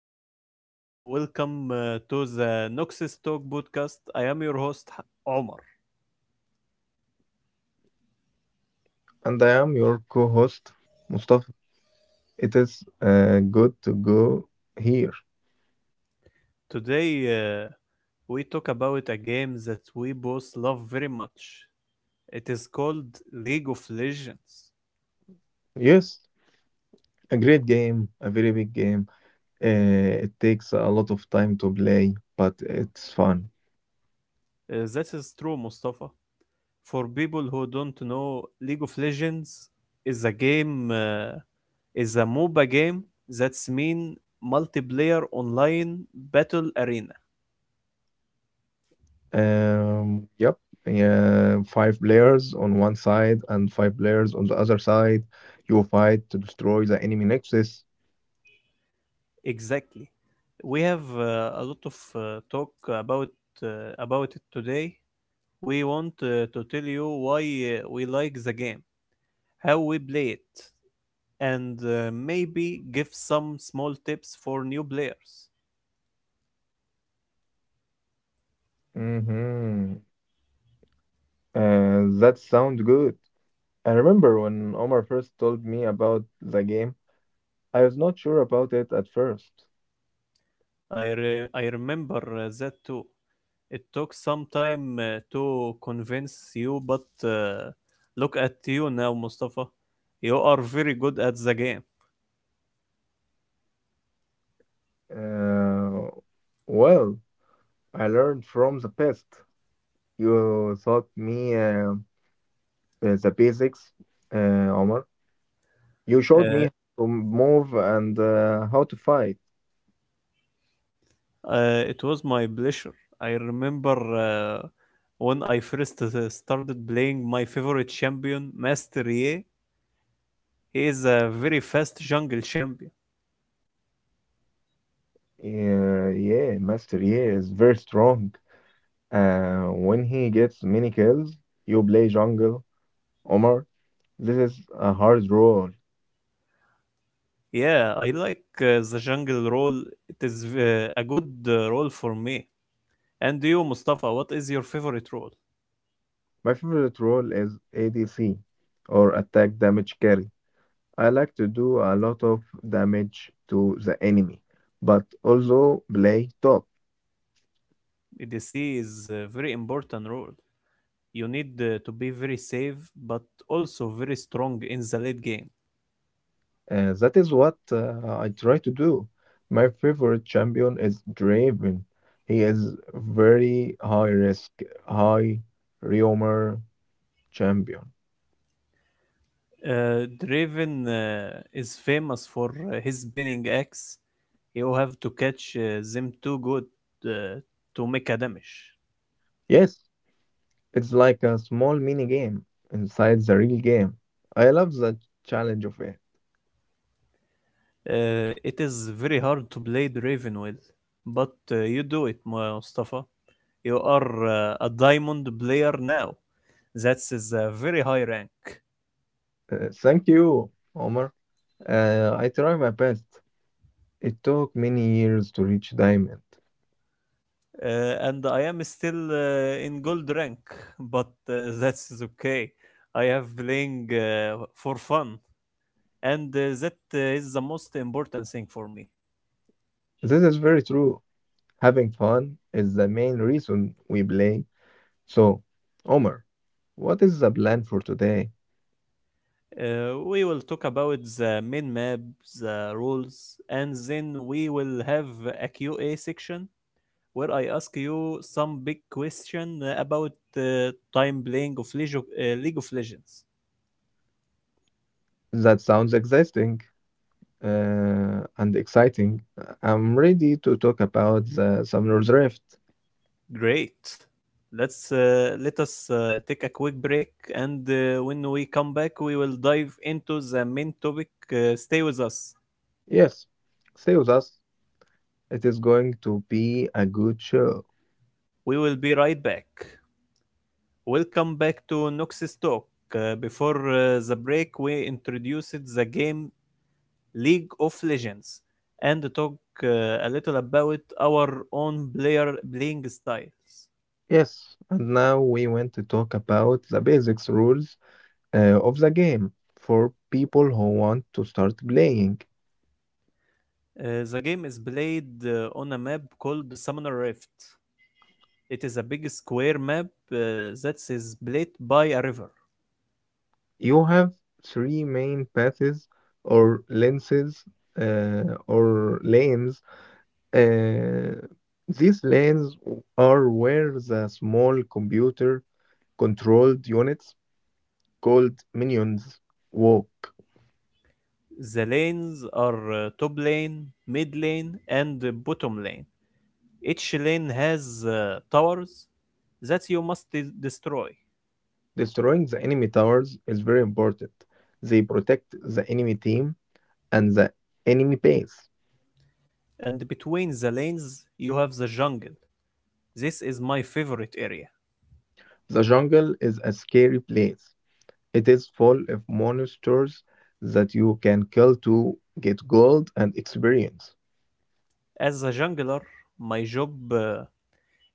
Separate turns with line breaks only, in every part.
Hello, everyone. Welcome to the Noxus Talk podcast. I am your host, Omar.
And I am your co host, Mustafa. It is good to go here.
Today, we talk about a game that we both love very much. It is called League of Legends.
Yes, a great game, a very big game. It takes a lot of time to play, but it's fun.
That is true, Mustafa. For people who don't know, League of Legends is a is a MOBA game that's mean multiplayer online battle arena.
Um, yep. Yeah, five players on one side and five players on the other side. You fight to destroy the enemy nexus.
Exactly. We have a lot of talk uh, about it today. We want to tell you why we like the game, how we play it, and maybe give some small tips for new players.
Mm-hmm. That sounds good. I remember when Omar first told me about the game, I was not sure about it at first.
I remember that too. It took some time to convince you, but look at you now, Mustafa. You are very good at the game.
Uh, well, I learned from the past. You taught me the basics, uh, Omar. You showed me
Uh,
how to move and how to fight.
It was my pleasure. I remember when I first started playing my favorite champion, Master Ye. He is a very fast jungle champion.
Yeah, yeah, Master Yi is very strong. When he gets many kills, you play jungle, Omar. This is a hard role.
Yeah, I like the jungle role. It is a good role for me. And you, Mustafa, what is your favorite role?
My favorite role is ADC or attack damage carry. I like to do a lot of damage to the enemy, but also play top.
ADC is a very important role. You need to be very safe, but also very strong in the late game.
That is what I try to do. My favorite champion is Draven. He is very high risk, high Reomer champion.
Draven is famous for his spinning axe. You have to catch them too good uh, to make a damage.
Yes, it's like a small mini game inside the real game. I love the challenge of it.
It is very hard to play Draven with, but you do it, Mustafa. You are a diamond player now. That is a very high rank.
Thank you, Omar. I try my best. It took many years to reach diamond.
And I am still in gold rank, but that's okay. I have playing for fun, and that is the most important thing for me.
This is very true. Having fun is the main reason we play. So, Omar, what is the plan for today?
We will talk about the main map, the rules, and then we will have a Q&A section where I ask you some big question about time playing of League of Legends.
That sounds exciting and exciting. I'm ready to talk about the Summer's Rift.
Great. Let us take a quick break, and when we come back, we will dive into the main topic. Stay with us.
Yes, stay with us. It is going to be a good show.
We will be right back. Welcome back to Nox's Talk. Before the break, we introduced the game League of Legends and talk uh, a little about our own player playing styles.
Yes, and now we want to talk about the basics rules of the game for people who want to start playing.
The game is played on a map called Summoner Rift. It is a big square map that is played by a river.
You have three main paths or lenses or lanes. Uh, these lanes are where the small computer controlled units called minions walk.
The lanes are top lane, mid lane, and bottom lane. Each lane has towers that you must destroy,
Destroying the enemy towers is very important. They protect the enemy team and the enemy base.
and between the lanes you have the jungle. This is my favorite area.
The jungle is a scary place. It is full of monsters that you can kill to get gold and experience.
As a jungler, my job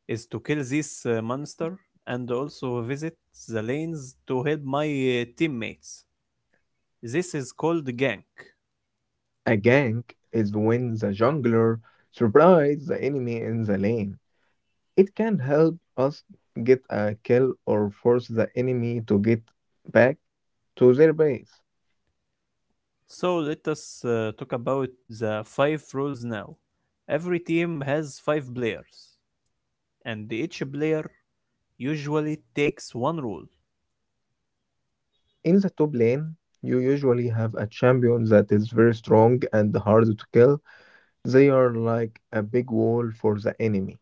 is to kill this monster and also visit the lanes to help my teammates. This is called gank.
A gank is when the jungler surprises the enemy in the lane. It can help us get a kill or force the enemy to get back to their base.
So let us talk about the five rules now. Every team has five players, and each player usually takes one rule.
In the top lane, you usually have a champion that is very strong and hard to kill. They are like a big wall for the enemy.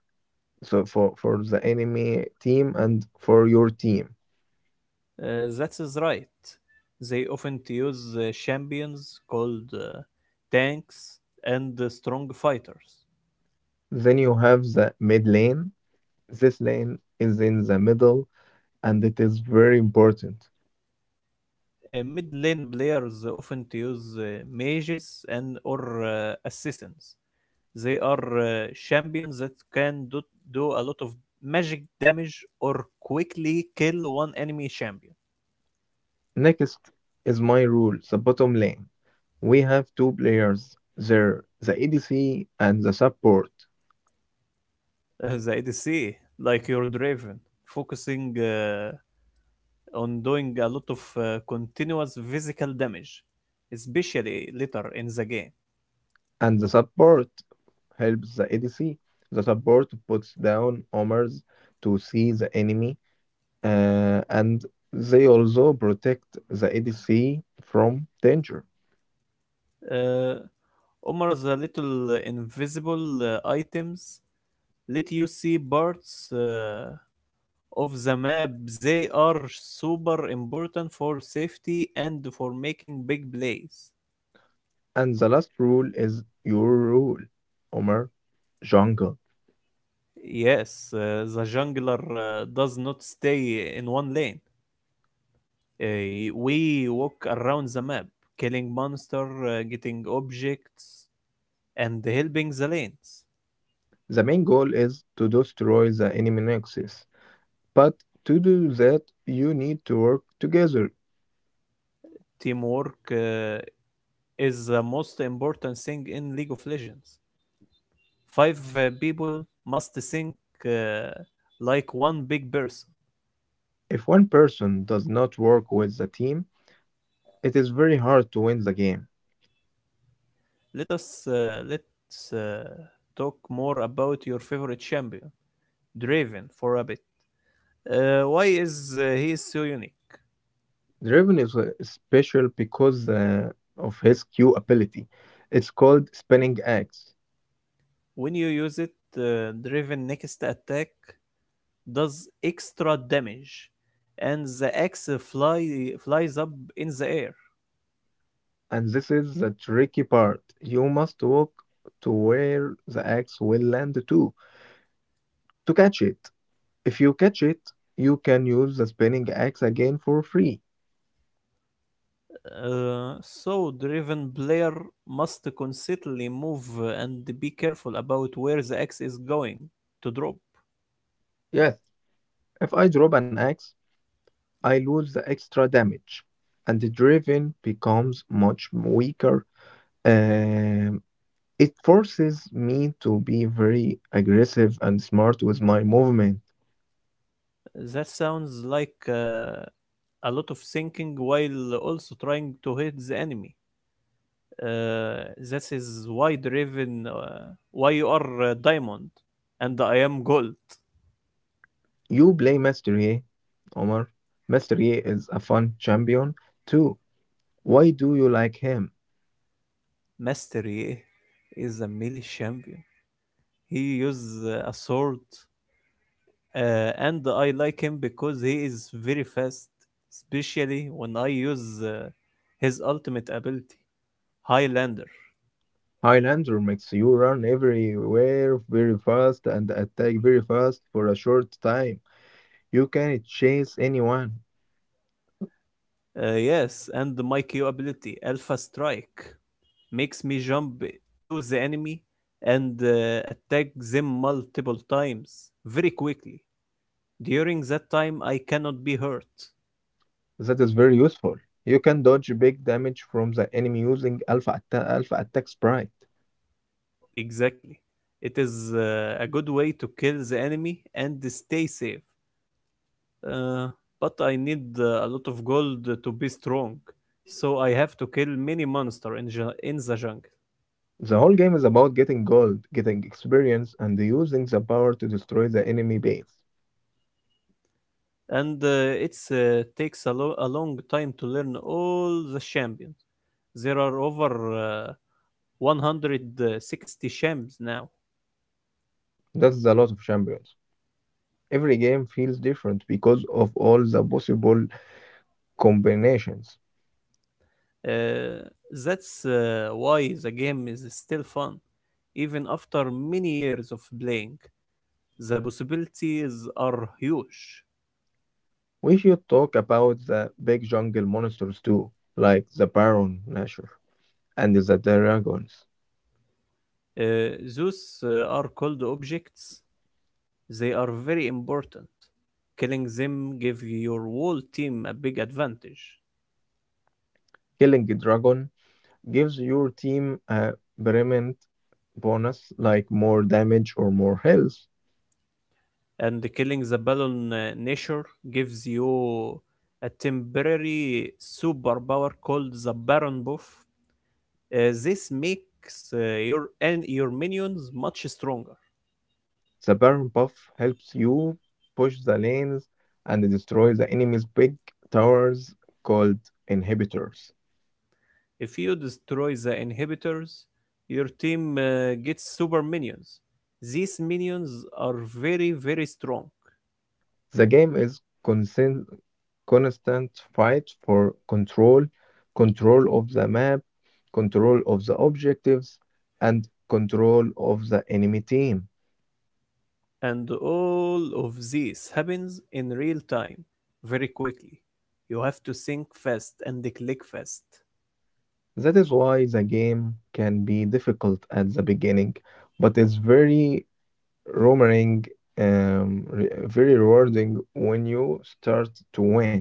So for the enemy team and for your team.
That is right. They often use champions called tanks and strong fighters.
Then you have the mid lane. This lane is in the middle and it is very important.
Mid lane players often use mages and or assassins. They are champions that can do a lot of magic damage or quickly kill one enemy champion.
Next is my rule, the bottom lane. We have two players there, the ADC and the support.
The ADC, like your Draven, focusing on doing a lot of continuous physical damage, especially later in the game.
And the support helps the ADC. The support puts down homers to see the enemy, and they also protect the ADC from danger.
Uh, Omar, the little invisible items let you see parts of the map. They are super important for safety and for making big plays.
And the last rule is your rule, Homer Jungle.
Yes, the jungler does not stay in one lane. We walk around the map, killing monster, getting objects, and helping the lanes.
The main goal is to destroy the enemy nexus, but to do that, you need to work together.
Teamwork is the most important thing in League of Legends. Five people must think uh, like one big person.
If one person does not work with the team, it is very hard to win the game.
Let us let's talk more about your favorite champion, Draven, for a bit. Why is he so unique?
Draven is special because of his Q ability. It's called Spinning Axe.
When you use it, Draven next attack does extra damage, and the flies up in the air.
And this is the tricky part. You must walk to where the axe will land to catch it. If you catch it, you can use the spinning axe again for free.
So the Raven player must constantly move and be careful about where the axe is going to drop.
Yes, if I drop an axe, I lose the extra damage, and the driven becomes much weaker. Um, it forces me to be very aggressive and smart with my movement.
That sounds like a lot of thinking while also trying to hit the enemy. This is why the Raven, why you are diamond, and I am gold.
You play Mastery, Omar. Mastery is a fun champion too. Why do you like him?
Mastery is a melee champion. He uses a sword, and I like him because he is very fast, especially when I use his ultimate ability, Highlander.
Highlander makes you run everywhere very fast and attack very fast for a short time. You can chase anyone.
Yes, and my Q ability, Alpha Strike, makes me jump to the enemy and attack them multiple times very quickly. During that time, I cannot be hurt.
That is very useful. You can dodge big damage from the enemy using alpha Attack Sprite.
Exactly. It is a good way to kill the enemy and stay safe. Uh, but I need a lot of gold to be strong, so I have to kill many monster in the jungle.
The whole game is about getting gold, getting experience, and using the power to destroy the enemy base.
And it takes a long time to learn all the champions. There are over 160 champs now.
That's a lot of champions. Every game feels different because of all the possible combinations.
Uh, that's why the game is still fun, even after many years of playing. The possibilities are huge.
We should talk about the big jungle monsters too, like the Baron Nashor and the dragons.
Those are called objects. They are very important. Killing them give your whole team a big advantage.
Killing a Dragon gives your team a permanent bonus like more damage or more health.
And killing the Balon Nature gives you a temporary superpower called the Baron Buff. This makes your and your minions much stronger.
The Baron buff helps you push the lanes and destroy the enemy's big towers called inhibitors.
If you destroy the inhibitors, your team gets super minions. These minions are very very strong.
The game is constant fight for control, control of the map, control of the objectives, and control of the enemy team.
And all of this happens in real time, very quickly. You have to think fast and click fast.
That is why the game can be difficult at the beginning, but it's very rewarding, very rewarding when you start to win.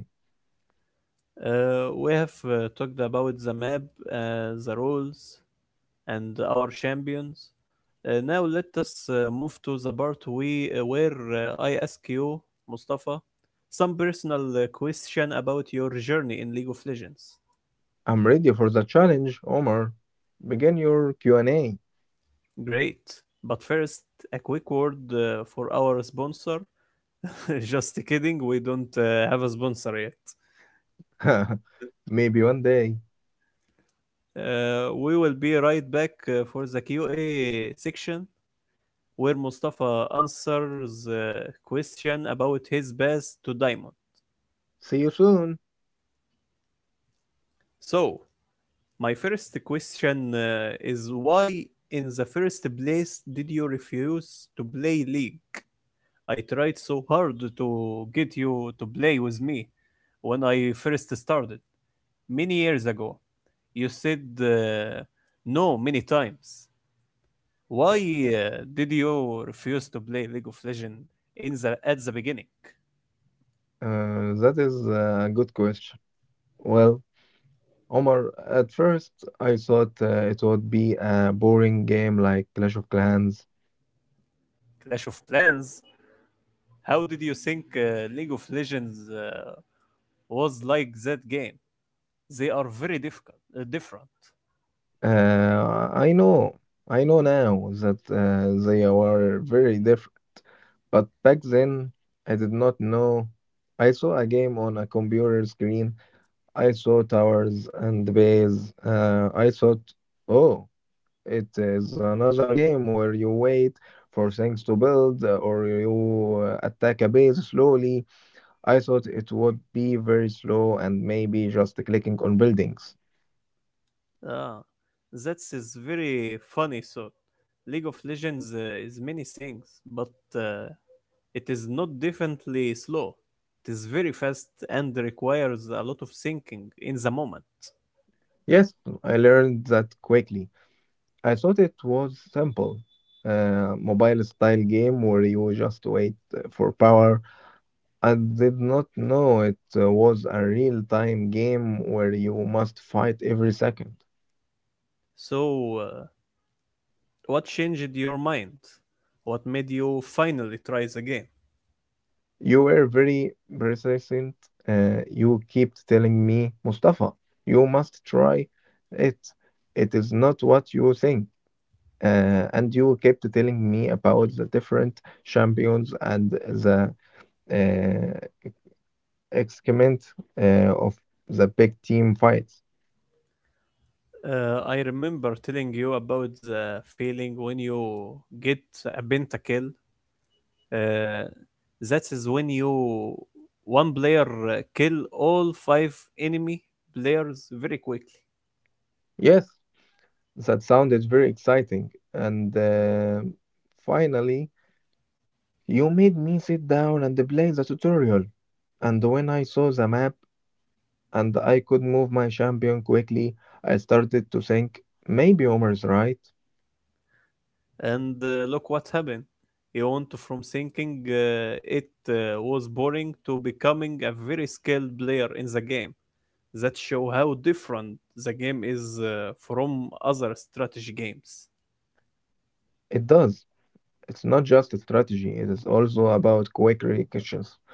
We have talked about the map, the rules, and our champions. Now let us move to the part where I ask you, Mustafa, some personal question about your journey in League of Legends.
I'm ready for the challenge, Omar. Begin your Q&A.
Great. But first, a quick word for our sponsor. Just kidding, we don't have a sponsor yet.
Maybe one day.
We will be right back for the Q&A section where Mustafa answers a question about his pass to Diamond.
See you soon.
So, my first question is why in the first place did you refuse to play League? I tried so hard to get you to play with me when I first started many years ago. You said no many times. Why did you refuse to play League of Legends in the at the beginning?
That is a good question. Well, Omar, at first I thought it would be a boring game like Clash of Clans.
Clash of Clans. How did you think League of Legends was like that game? They are very different.
Uh, I know, I know now that they are very different. But back then, I did not know. I saw a game on a computer screen. I saw towers and bays. I thought, oh, it is another game where you wait for things to build or you attack a base slowly. I thought it would be very slow and maybe just clicking on buildings.
Ah, that is very funny. So, League of Legends is many things, but uh, it is not definitely slow. It is very fast and requires a lot of thinking in the moment.
Yes, I learned that quickly. I thought it was simple. Mobile style game where you just wait for power. I did not know it was a real time game where you must fight every second.
So, what changed your mind? What made you finally try the game?
You were very persistent. You kept telling me, Mustafa, you must try it. It is not what you think. And you kept telling me about the different champions and the uh, excrement of the big team fights.
I remember telling you about the feeling when you get a pentakill. Uh, that is when you one player kill all five enemy players very quickly.
Yes, that sounded very exciting. And finally, you made me sit down and play the tutorial. And when I saw the map and I could move my champion quickly, I started to think maybe Omar's right.
And look what happened. He went from thinking it was boring to becoming a very skilled player in the game. That show how different the game is from other strategy games.
It does. It's not just a strategy, it is also about quick reactions,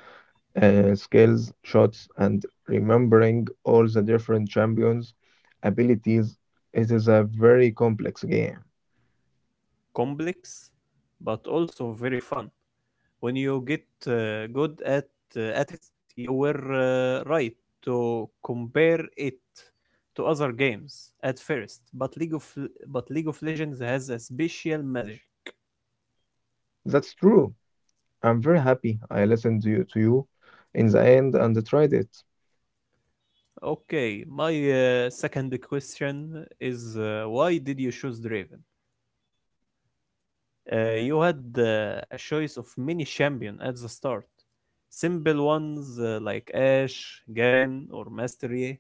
skills, shots, and remembering all the different champions' abilities. It is a very complex game.
Complex, but also very fun. When you get good at it, you were right to compare it to other games at first. But League of Legends has a special magic.
That's true. I'm very happy I listened to you in the end and tried it.
Okay, my second question is why did you choose Draven? You had a choice of many champion at the start. Simple ones like Ashe, Garen, or Mastery,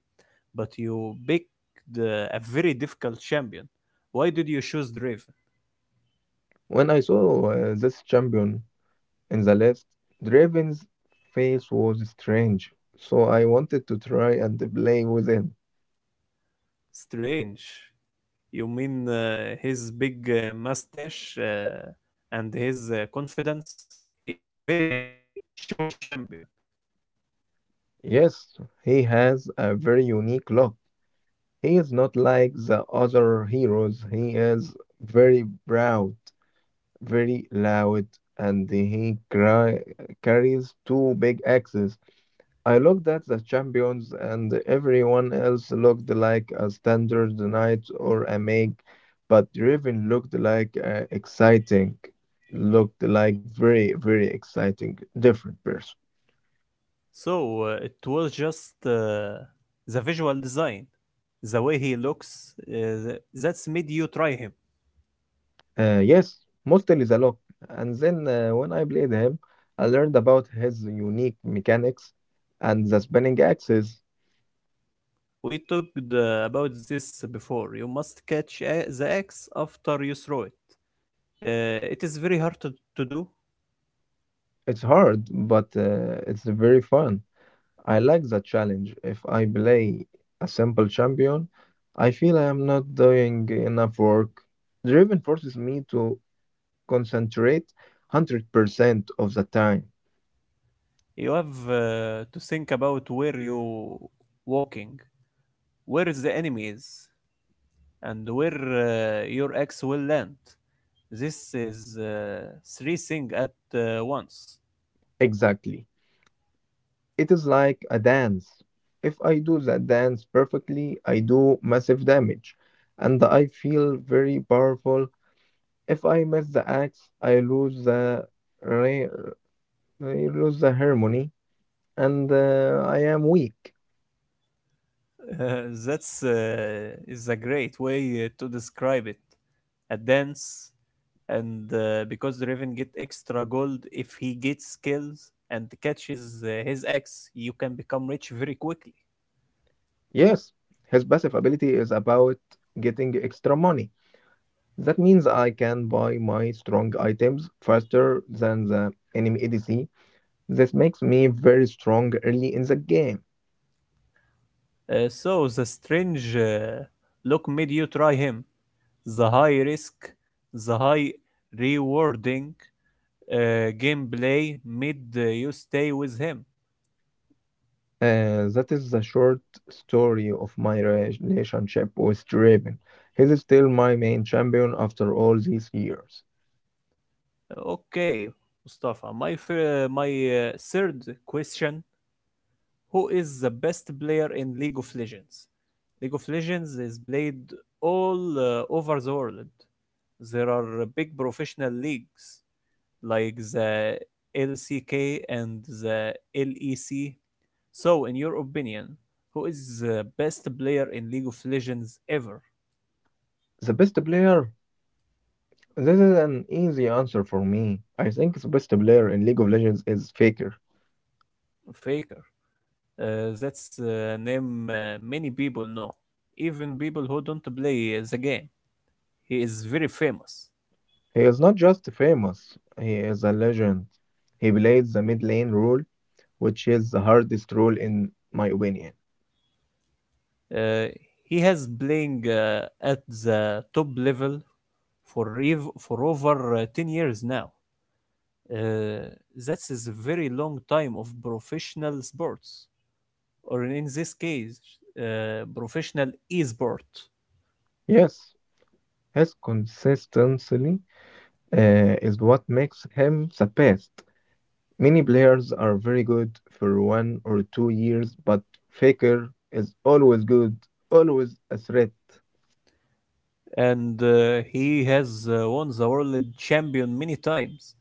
but you picked a very difficult champion. Why did you choose Draven?
When I saw this champion, in the list. Draven's face was strange, so I wanted to try and play with him.
Strange. You mean his big mustache and his confidence? He is very showy champion.
Yes, he has a very unique look. He is not like the other heroes. He is very proud, very loud, and he carries two big axes. I looked at the champions, and everyone else looked like a standard knight or a mage, but Draven looked like very, very exciting, different person.
So it was just the visual design, the way he looks. That's made you try him.
Yes, Mostel is a lock. And then when I played him, I learned about his unique mechanics and the spinning axes.
We talked about this before. You must catch the axe after you throw it. It is very hard to do.
It's hard, but it's very fun. I like the challenge. If I play a simple champion, I feel I am not doing enough work. Draven forces me to concentrate 100% of the time.
You have to think about where you walking, where is the enemy is, and where your axe will land. This is three things at once.
Exactly. It is like a dance. If I do that dance perfectly, I do massive damage and I feel very powerful. If I miss the axe, re- I lose the harmony and I am weak.
That's is a great way to describe it. A dance, and because the Raven get extra gold if he gets kills and catches his ex, you can become rich very quickly.
Yes, his passive ability is about getting extra money. That means I can buy my strong items faster than the enemy ADC. This makes me very strong early in the game.
So the strange look made you try him. The high risk, the high rewarding gameplay made you stay with him.
That is the short story of my relationship with Draven. He's still my main champion after all these years.
Okay, Mustafa. My third question, who is the best player in League of Legends? League of Legends is played all over the world. There are big professional leagues like the LCK and the LEC. So, in your opinion, who is the best player in League of Legends ever?
The best player. This is an easy answer for me. I think the best player in League of Legends is Faker.
Faker. Uh, that's a name many people know, even people who don't play the game. He is very famous.
He is not just famous, he is a legend. He plays the mid lane role, which is the hardest role in my opinion.
Uh, he has playing at the top level for over 10 years now. Uh, that is a very long time of professional sports, or in this case, professional e-sport.
Yes, his consistency is what makes him the best. Many players are very good for one or two years, but Faker is always good, always a threat.
And he has won the world champion many times,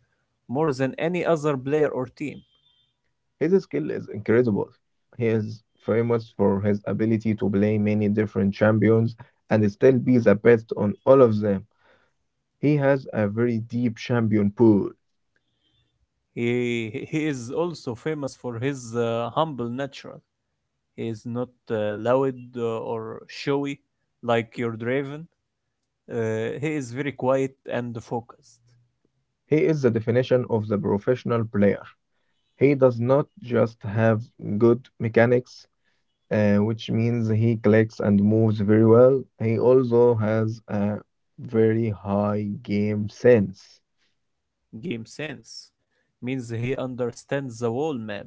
more than any other player or team.
His skill is incredible. He is famous for his ability to play many different champions and still be the best on all of them. He has a very deep champion pool.
He is also famous for his humble nature. He is not loud or showy like your Draven. He is very quiet and focused.
He is the definition of the professional player. He does not just have good mechanics, which means he clicks and moves very well. He also has a very high game sense.
Game sense means he understands the whole map.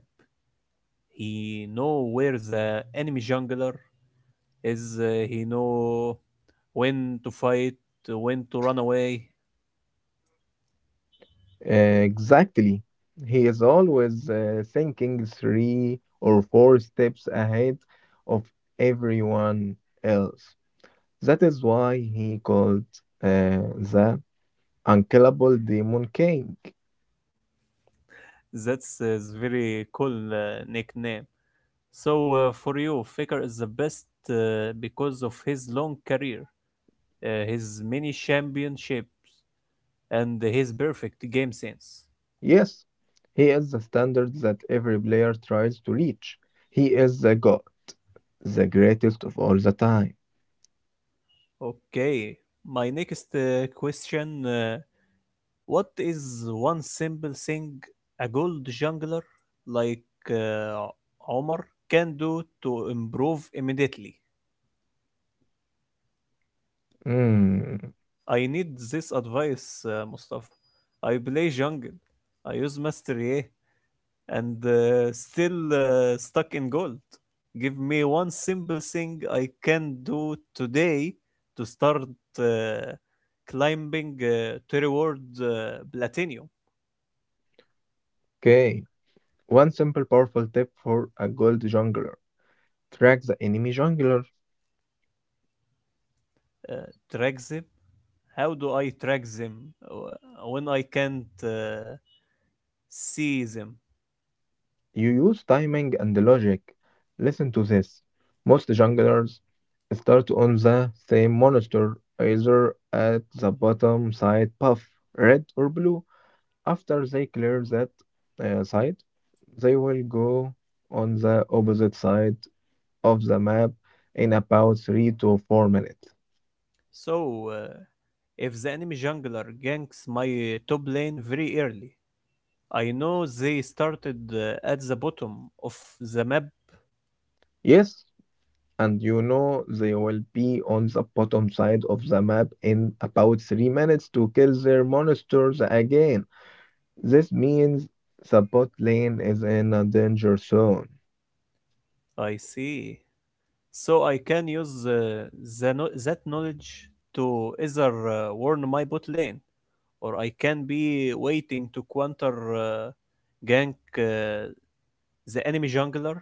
He know where the enemy jungler is. He know when to fight, when to run away.
Exactly. He is always thinking three or four steps ahead of everyone else. That is why he called the unkillable demon king.
That's a very cool nickname. So, for you, Faker is the best because of his long career, his many championship, and his perfect game sense.
Yes, he is the standard that every player tries to reach. He is the god, the greatest of all the time.
Okay, my next question: What is one simple thing a gold jungler like uh, Omar can do to improve immediately?
Hmm.
I need this advice, Mustafa. I play jungle. I use mastery A, and still stuck in gold. Give me one simple thing I can do today to start uh, climbing to reward platinum.
Okay. One simple powerful tip for a gold jungler. Track the enemy jungler.
Uh, track them. How do I track them when I can't see them?
You use timing and logic. Listen to this. Most junglers start on the same monster, either at the bottom side path, red or blue. After they clear that side, they will go on the opposite side of the map in about 3 to 4 minutes.
So, if the enemy jungler ganks my top lane very early, I know they started at the bottom of the map.
Yes, and you know they will be on the bottom side of the map in about 3 minutes to kill their monsters again. This means the bot lane is in a danger zone.
I see. So I can use that knowledge to either warn my bot lane, or I can be waiting to counter gank the enemy jungler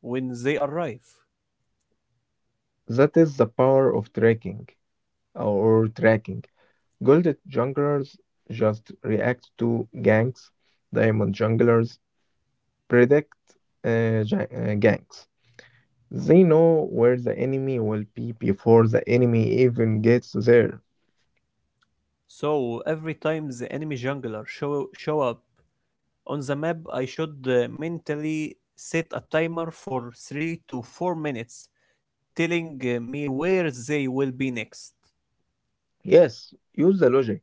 when they arrive.
That is the power of tracking or tracking. Gold junglers just react to ganks, diamond junglers predict ganks. They know where the enemy will be before the enemy even gets there.
So every time the enemy jungler show up on the map, I should mentally set a timer for 3 to 4 minutes, telling me where they will be next.
Yes, use the logic.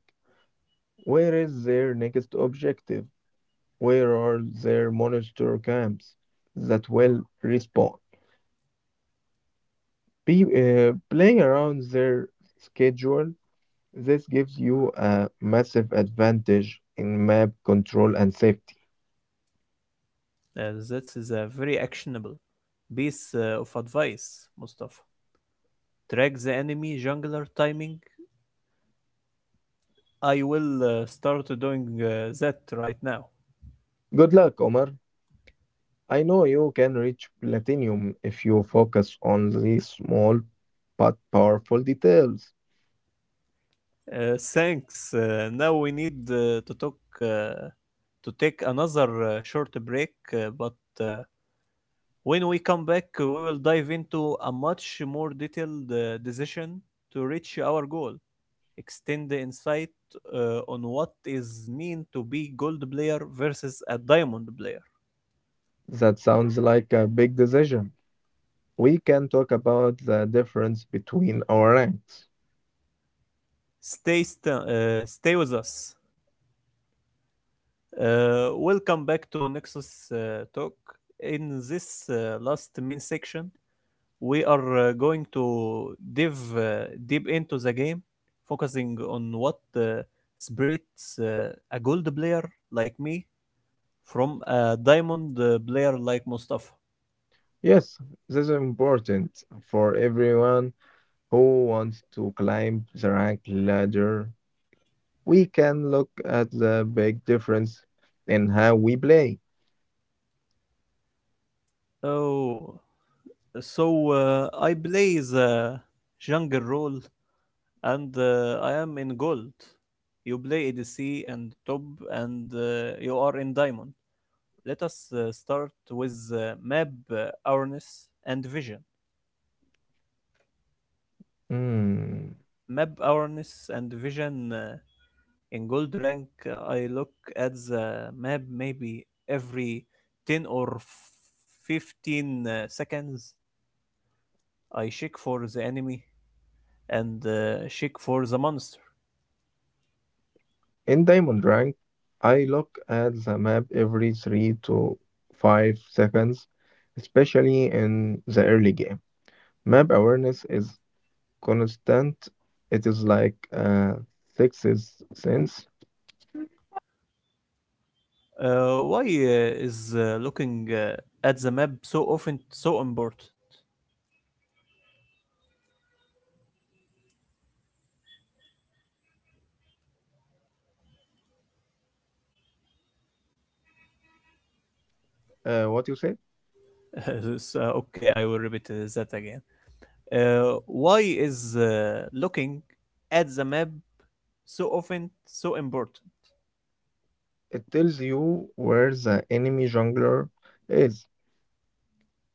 Where is their next objective? Where are their monster camps that will respawn? Play around their schedule. This gives you a massive advantage in map control and safety.
That's a very actionable piece of advice, Mustafa. Track the enemy jungler timing. I will start doing that right now.
Good luck, Omar. I know you can reach platinum if you focus on these small but powerful details.
Thanks. Now we need to talk. To take another short break, but uh, When we come back, we will dive into a much more detailed decision to reach our goal, extend the insight on what is mean to be gold player versus a diamond player.
That sounds like a big decision. We can talk about the difference between our ranks.
Stay st- stay with us. Welcome back to Nexus Talk. In this last main section, we are going to dive deep into the game, focusing on what separates a gold player like me from a diamond player like Mustafa.
Yes, this is important for everyone who wants to climb the rank ladder. We can look at the big difference in how we play.
Oh, so I play the jungle role and I am in gold. You play ADC and top and you are in diamond. Let us start with map awareness and vision.
Mm.
Map awareness and vision, in gold rank, I look at the map maybe every 10 or 15 seconds. I check for the enemy and check for the monster.
In Diamond Rank, I look at the map every 3 to 5 seconds, especially in the early game. Map awareness is constant. It is like a sixth sense.
Why is looking at the map so often so important?
What you say?
This, okay, I will repeat that again. Why is looking at the map so often so important?
It tells you where the enemy jungler is.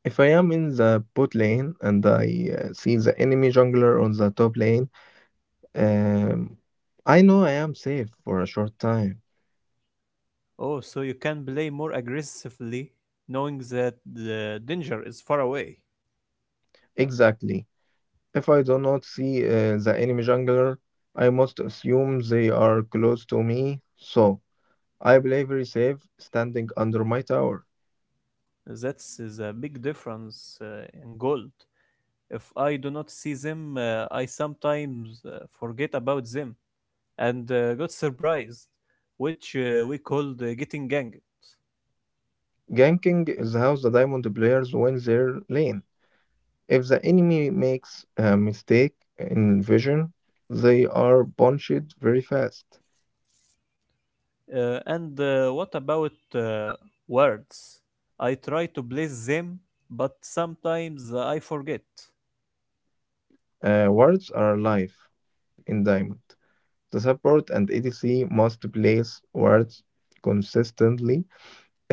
If I am in the bot lane and I see the enemy jungler on the top lane, um, I know I am safe for a short time.
Oh, so you can play more aggressively knowing that the danger is far away.
Exactly. If I do not see the enemy jungler, I must assume they are close to me, so I play very safe standing under my tower.
That's is a big difference in goal. If I do not see them, I sometimes forget about them and got surprised, which we called getting ganked.
Ganking is how the diamond players win their lane. If the enemy makes a mistake in vision, they are punched very fast.
And what about words? I try to place them, but sometimes I forget.
Words are life in Diamond. The support and EDC must place words consistently.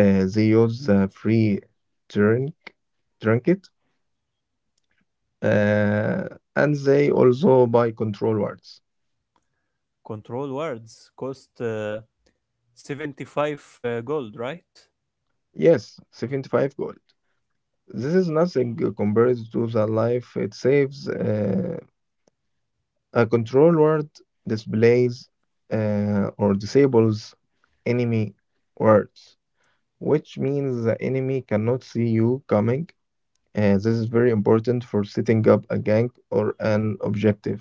They use the free drink, trinket, uh, and they also buy control words.
Control words cost 75 gold, right?
Yes, 75 gold. This is nothing compared to the life it saves. A control word displays or disables enemy words, which means the enemy cannot see you coming. And this is very important for setting up a gank or an objective.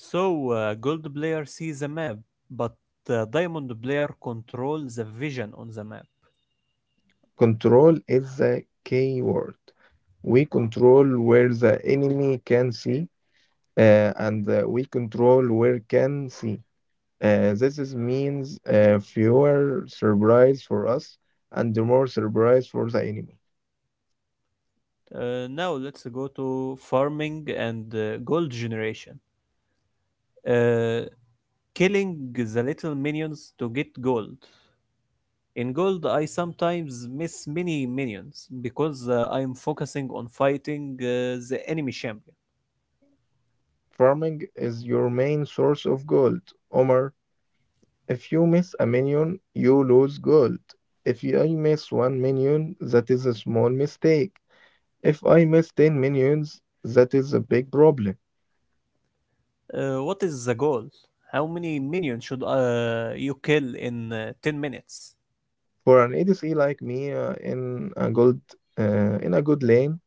So, gold player sees the map, but diamond player controls the vision on the map.
Control is the key word. We control where the enemy can see, and we control where can see. This is means fewer surprise for us and more surprise for the enemy.
Now let's go to farming and gold generation. Uh, killing the little minions to get gold. In gold, I sometimes miss many minions because I'm focusing on fighting the enemy champion.
Farming is your main source of gold, Omar. If you miss a minion, you lose gold. If I miss one minion, that is a small mistake. If I miss 10 minions, that is a big problem.
What is the goal? How many minions should you kill in 10 minutes?
For an ADC like me in a good lane,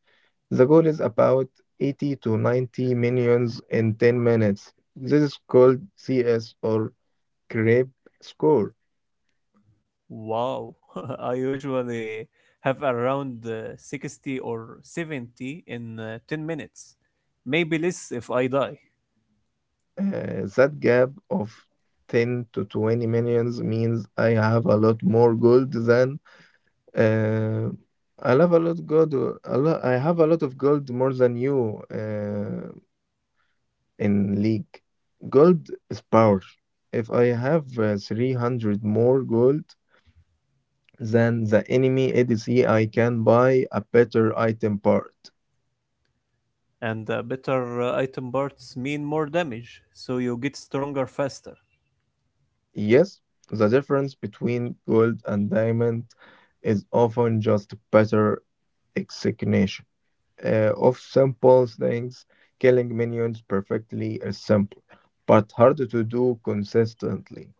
the goal is about 80 to 90 minions in 10 minutes. This is called CS or creep score.
Wow, I usually have around 60 or 70 in 10 minutes, maybe less if I die.
That gap of 10 to 20 minions means I have a lot more gold than... Uh, I love a lot gold. A lot, I have a lot of gold more than you in league. Gold is power. If I have 300 more gold than the enemy ADC, I can buy a better item part.
And better item parts mean more damage, so you get stronger faster.
Yes, the difference between gold and diamond is often just better execution of simple things. Killing minions perfectly is simple, but hard to do consistently.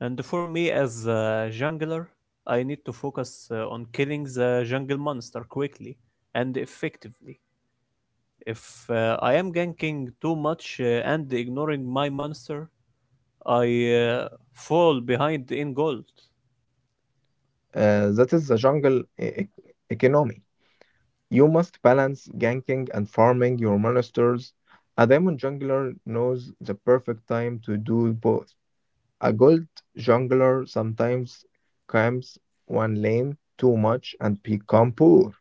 And for me as a jungler, I need to focus on killing the jungle monster quickly and effectively. If I am ganking too much and ignoring my monster, I fall behind in gold.
That is the jungle economy. You must balance ganking and farming your monsters. A diamond jungler knows the perfect time to do both. A gold jungler sometimes camps one lane too much and become poor.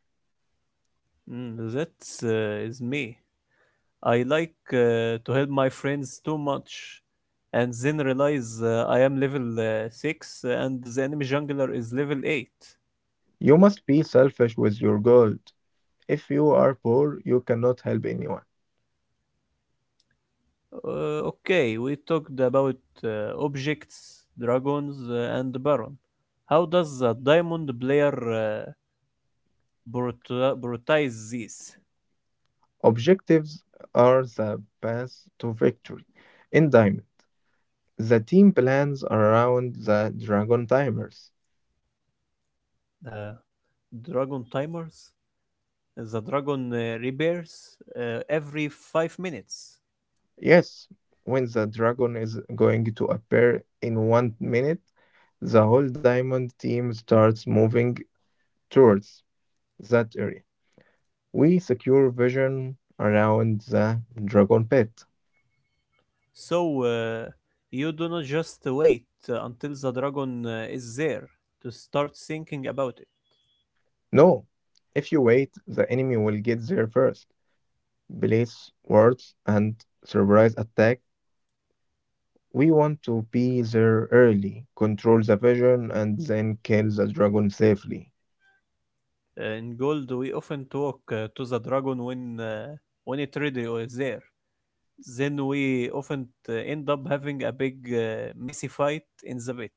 Mm, that is me. I like to help my friends too much and then realize I am level 6 and the enemy jungler is level 8.
You must be selfish with your gold. If you are poor, you cannot help anyone.
Uh, okay, we talked about uh, objects, dragons, and Baron. How does a diamond player brut- brutize this?
Objectives are the path to victory. In Diamond, the team plans around the dragon timers.
Uh, dragon timers? The dragon repairs every 5 minutes.
Yes, when the dragon is going to appear in 1 minute, the whole Diamond team starts moving towards that area. We secure vision around the dragon pit.
So, you do not just wait until the dragon is there to start thinking about it.
No, if you wait, the enemy will get there first. Place wards and surprise attack. We want to be there early, control the vision, and then kill the dragon safely.
In gold, we often talk to the dragon when it ready or is there. Then we often end up having a big messy fight in the bit.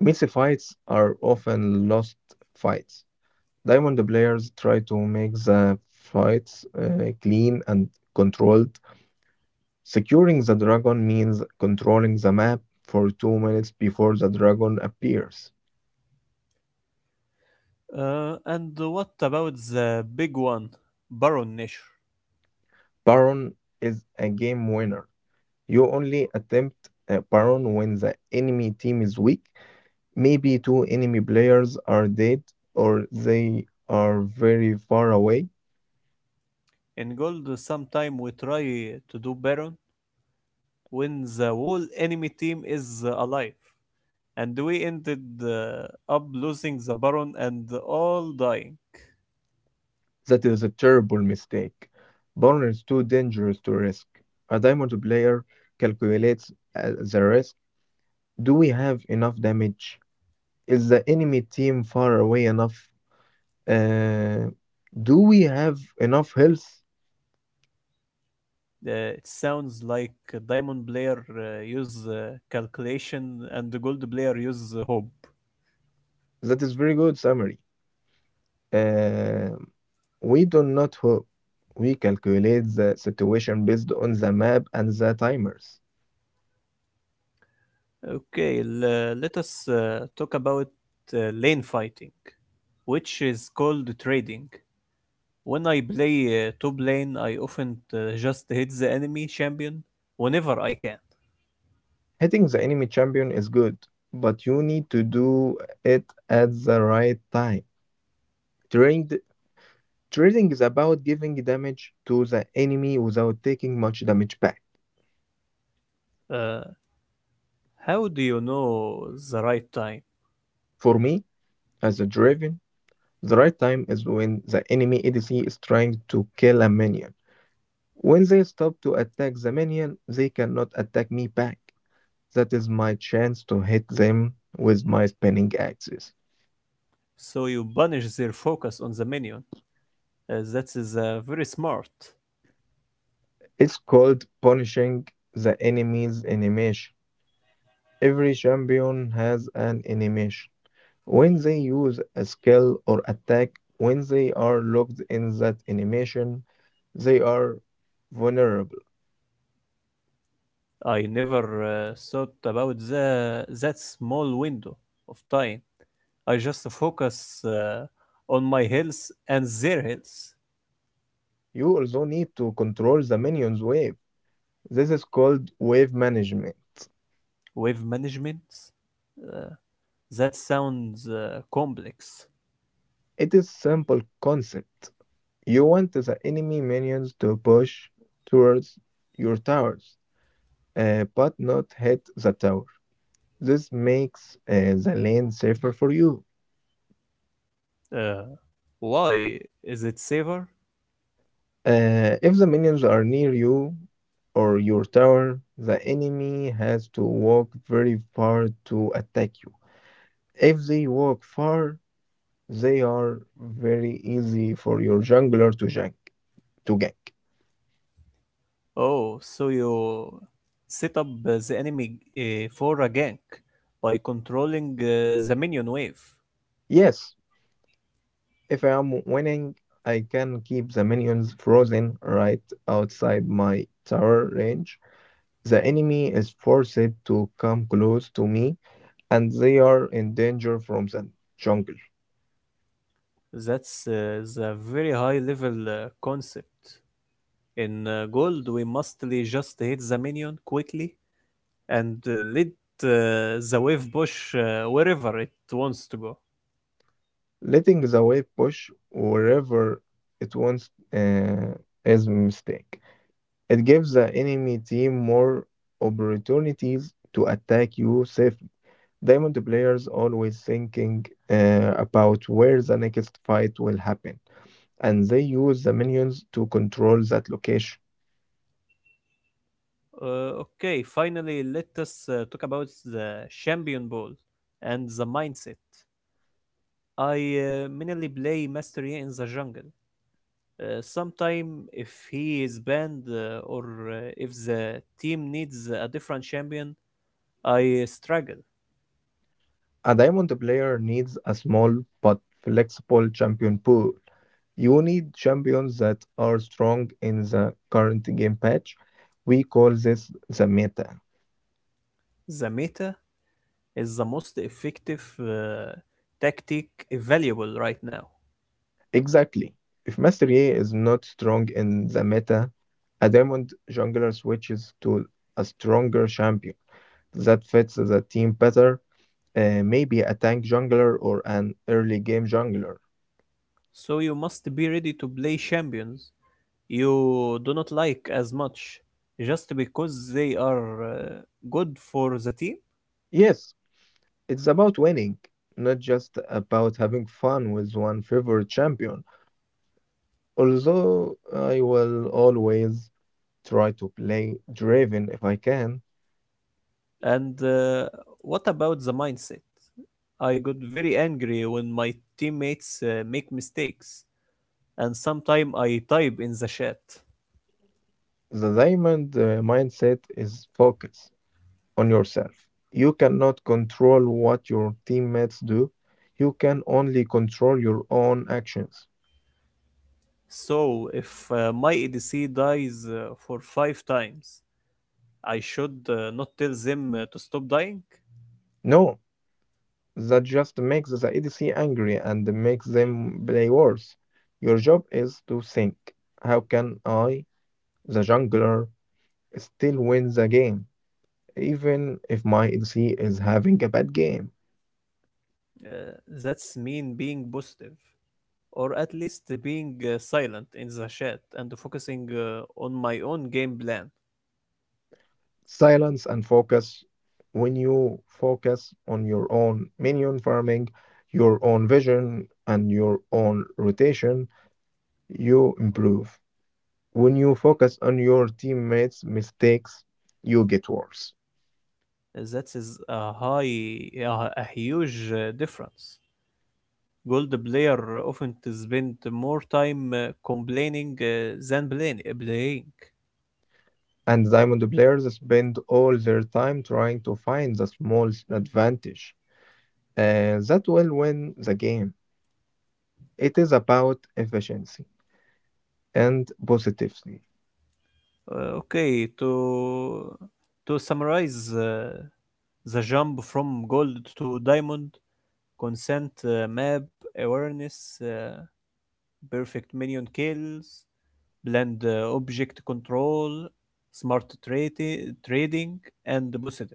Mythic fights are often lost fights. Diamond players try to make the fights clean and controlled. Securing the dragon means controlling the map for 2 minutes before the dragon appears.
And what about the big one, Baron Nashor?
Baron is a game winner. You only attempt a Baron when the enemy team is weak. Maybe two enemy players are dead or they are very far away.
In gold, sometime we try to do Baron when the whole enemy team is alive, and we ended up losing the Baron and all dying.
That is a terrible mistake. Burn is too dangerous to risk. A diamond player calculates the risk. Do we have enough damage? Is the enemy team far away enough? Uh, do we have enough health?
It sounds like a Diamond player use calculation and the Gold player use hope.
That is very good summary. Um, we do not hope. We calculate the situation based on the map and the timers.
Okay, let us talk about lane fighting, which is called trading. When I play top lane, I often just hit the enemy champion whenever I can.
Hitting the enemy champion is good, but you need to do it at the right time. Trading, trading is about giving damage to the enemy without taking much damage back.
Uh, how do you know the right time?
For me, as a driven, the right time is when the enemy ADC is trying to kill a minion. When they stop to attack the minion, they cannot attack me back. That is my chance to hit them with my spinning axis.
So you banish their focus on the minion. That is very smart.
It's called punishing the enemy's animation. Every champion has an animation. When they use a skill or attack, when they are locked in that animation, they are vulnerable.
I never thought about that small window of time. I just focus on my health and their health.
You also need to control the minion's wave. This is called wave management.
Wave management? Uh, that sounds complex.
It is simple concept. You want the enemy minions to push towards your towers, but not hit the tower. This makes the lane safer for you.
Uh, why is it safer?
If the minions are near you or your tower, the enemy has to walk very far to attack you. If they walk far, they are very easy for your jungler to gank. To gank.
Oh, so you set up the enemy for a gank by controlling the minion wave.
Yes, if I am winning, I can keep the minions frozen right outside my tower range. The enemy is forced to come close to me, and they are in danger from the jungle.
That's the very high level concept. In gold, we mostly just hit the minion quickly and let the wave push wherever it wants to go.
Letting the wave push wherever it wants is a mistake. It gives the enemy team more opportunities to attack you safely. Diamond players always thinking about where the next fight will happen, and they use the minions to control that location.
Okay, finally, let us talk about the champion ball and the mindset. I mainly play Mastery in the jungle. Sometime if he is banned or if the team needs a different champion, I struggle.
A diamond player needs a small but flexible champion pool. You need champions that are strong in the current game patch. We call this the meta.
The meta is the most effective tactic available right now.
Exactly. If mastery is not strong in the meta, a diamond jungler switches to a stronger champion that fits the team better, maybe a tank jungler or an early game jungler.
So you must be ready to play champions you do not like as much just because they are good for the team.
Yes, it's about winning, not just about having fun with one favorite champion. Although I will always try to play driven if I can,
And what about the mindset? I got very angry when my teammates make mistakes, and sometimes I type in the chat.
the diamond mindset is focus on yourself. You cannot control what your teammates do, you can only control your own actions.
So if my ADC dies for 5 times, I should not tell them to stop dying.
No, that just makes the ADC angry and makes them play worse. Your job is to think how can I, the jungler, still wins the game, even if my ADC is having a bad game.
Uh, that's mean being positive, or at least being silent in the chat and focusing on my own game plan.
Silence and focus. When you focus on your own minion farming, your own vision, and your own rotation, you improve. When you focus on your teammates' mistakes, you get worse.
That is a huge difference. Gold player often spend more time complaining than playing. Playing.
And diamond players spend all their time trying to find the small advantage that will win the game. It is about efficiency and positivity.
Okay, to summarize the jump from gold to diamond, consent map awareness, perfect minion kills, blend object control, smart trading, and boosted,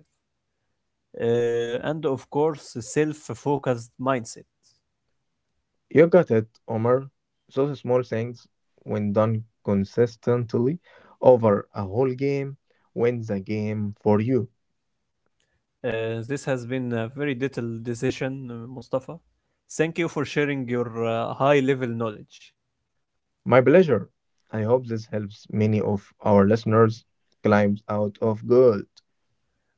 and of course, self-focused mindset.
You got it, Omar. Those small things, when done consistently over a whole game, win the game for you.
This has been a very detailed decision, Mustafa. Thank you for sharing your high-level knowledge.
My pleasure. I hope this helps many of our listeners climb out of gold.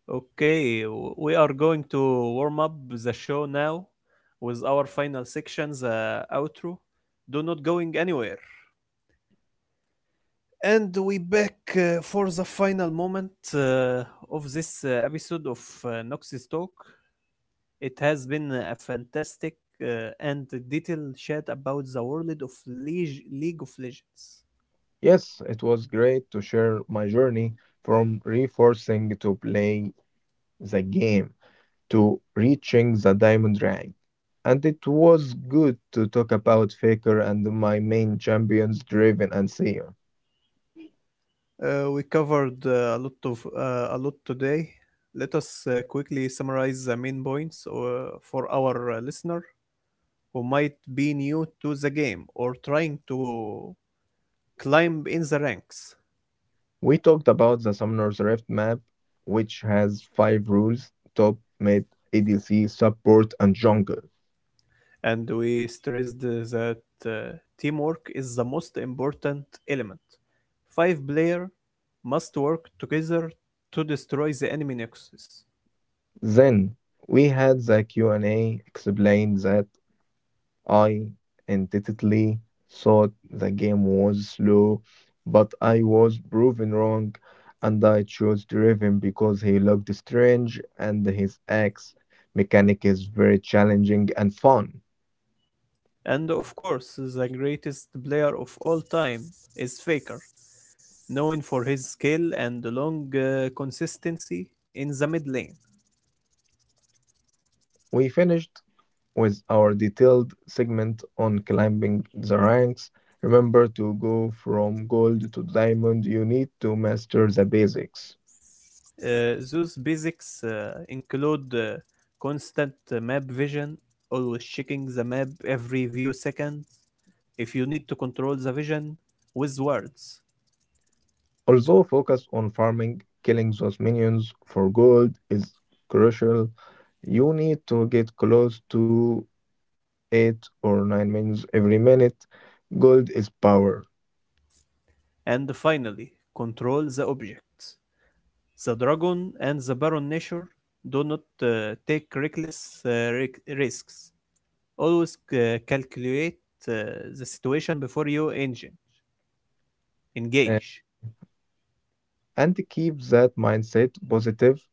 Okay, we are going to warm up the show now with our final section, the outro. Do not going anywhere. And we back for the final moment of this episode of Nox's Talk. It has been a fantastic and detailed chat about the world of League of Legends.
Yes, it was great to share my journey from reinforcing to play the game to reaching the diamond rank. And it was good to talk about Faker and my main champions Draven and Seer.
We covered a lot today. Let us quickly summarize the main points for our listener who might be new to the game or trying to climb in the ranks.
We talked about the Summoner's Rift map, which has five rules top, mid, ADC, support, and jungle.
And we stressed that uh, teamwork is the most important element. Five players must work together to destroy the enemy nexus.
Then we had the Q&A explained that I intuitively thought the game was slow, but I was proven wrong, and I chose Draven because he looked strange and his axe mechanic is very challenging and fun.
And of course, the greatest player of all time is Faker, known for his skill and long consistency in the mid lane.
We finished with our detailed segment on climbing the ranks. Remember to go from gold to diamond, you need to master the basics.
Those basics include constant map vision, always checking the map every few seconds, if you need to control the vision with words.
Also, focus on farming, killing those minions for gold is crucial. You need to get close to 8 or 9 minions every minute. Gold is power.
And finally, control the objects. The dragon and the baron nature do not take reckless risks. Always calculate uh, the situation before you engine
Uh,
engage.
and keep that mindset positive.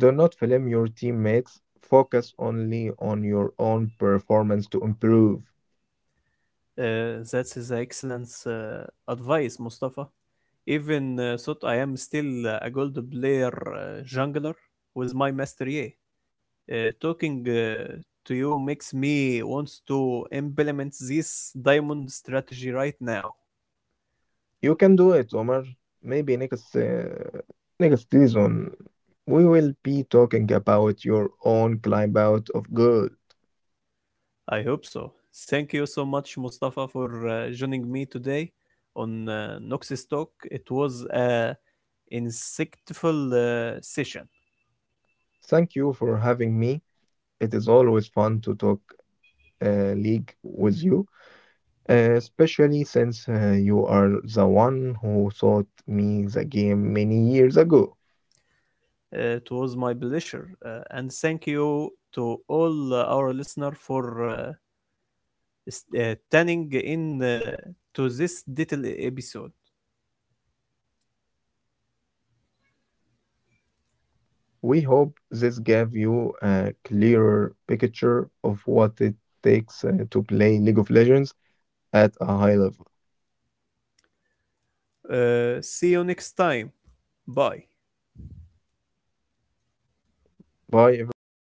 Do not blame your teammates. Focus only on your own performance to improve.
That is excellent advice, Mustafa. Even thought I am still a gold player jungler with my mastery, talking to you makes me want to implement this diamond strategy right now.
You can do it, Omar. Maybe next season we will be talking about your own climb out of good.
I hope so. Thank you so much, Mustafa, for joining me today on Noxus Talk. It was a insightful session.
Thank you for having me. It is always fun to talk league with you, especially since you are the one who taught me the game many years ago.
It was my pleasure, and thank you to all our listeners for tuning in to this little episode.
We hope this gave you a clearer picture of what it takes to play League of Legends at a high level.
See you next time. Bye.
Bye, everyone.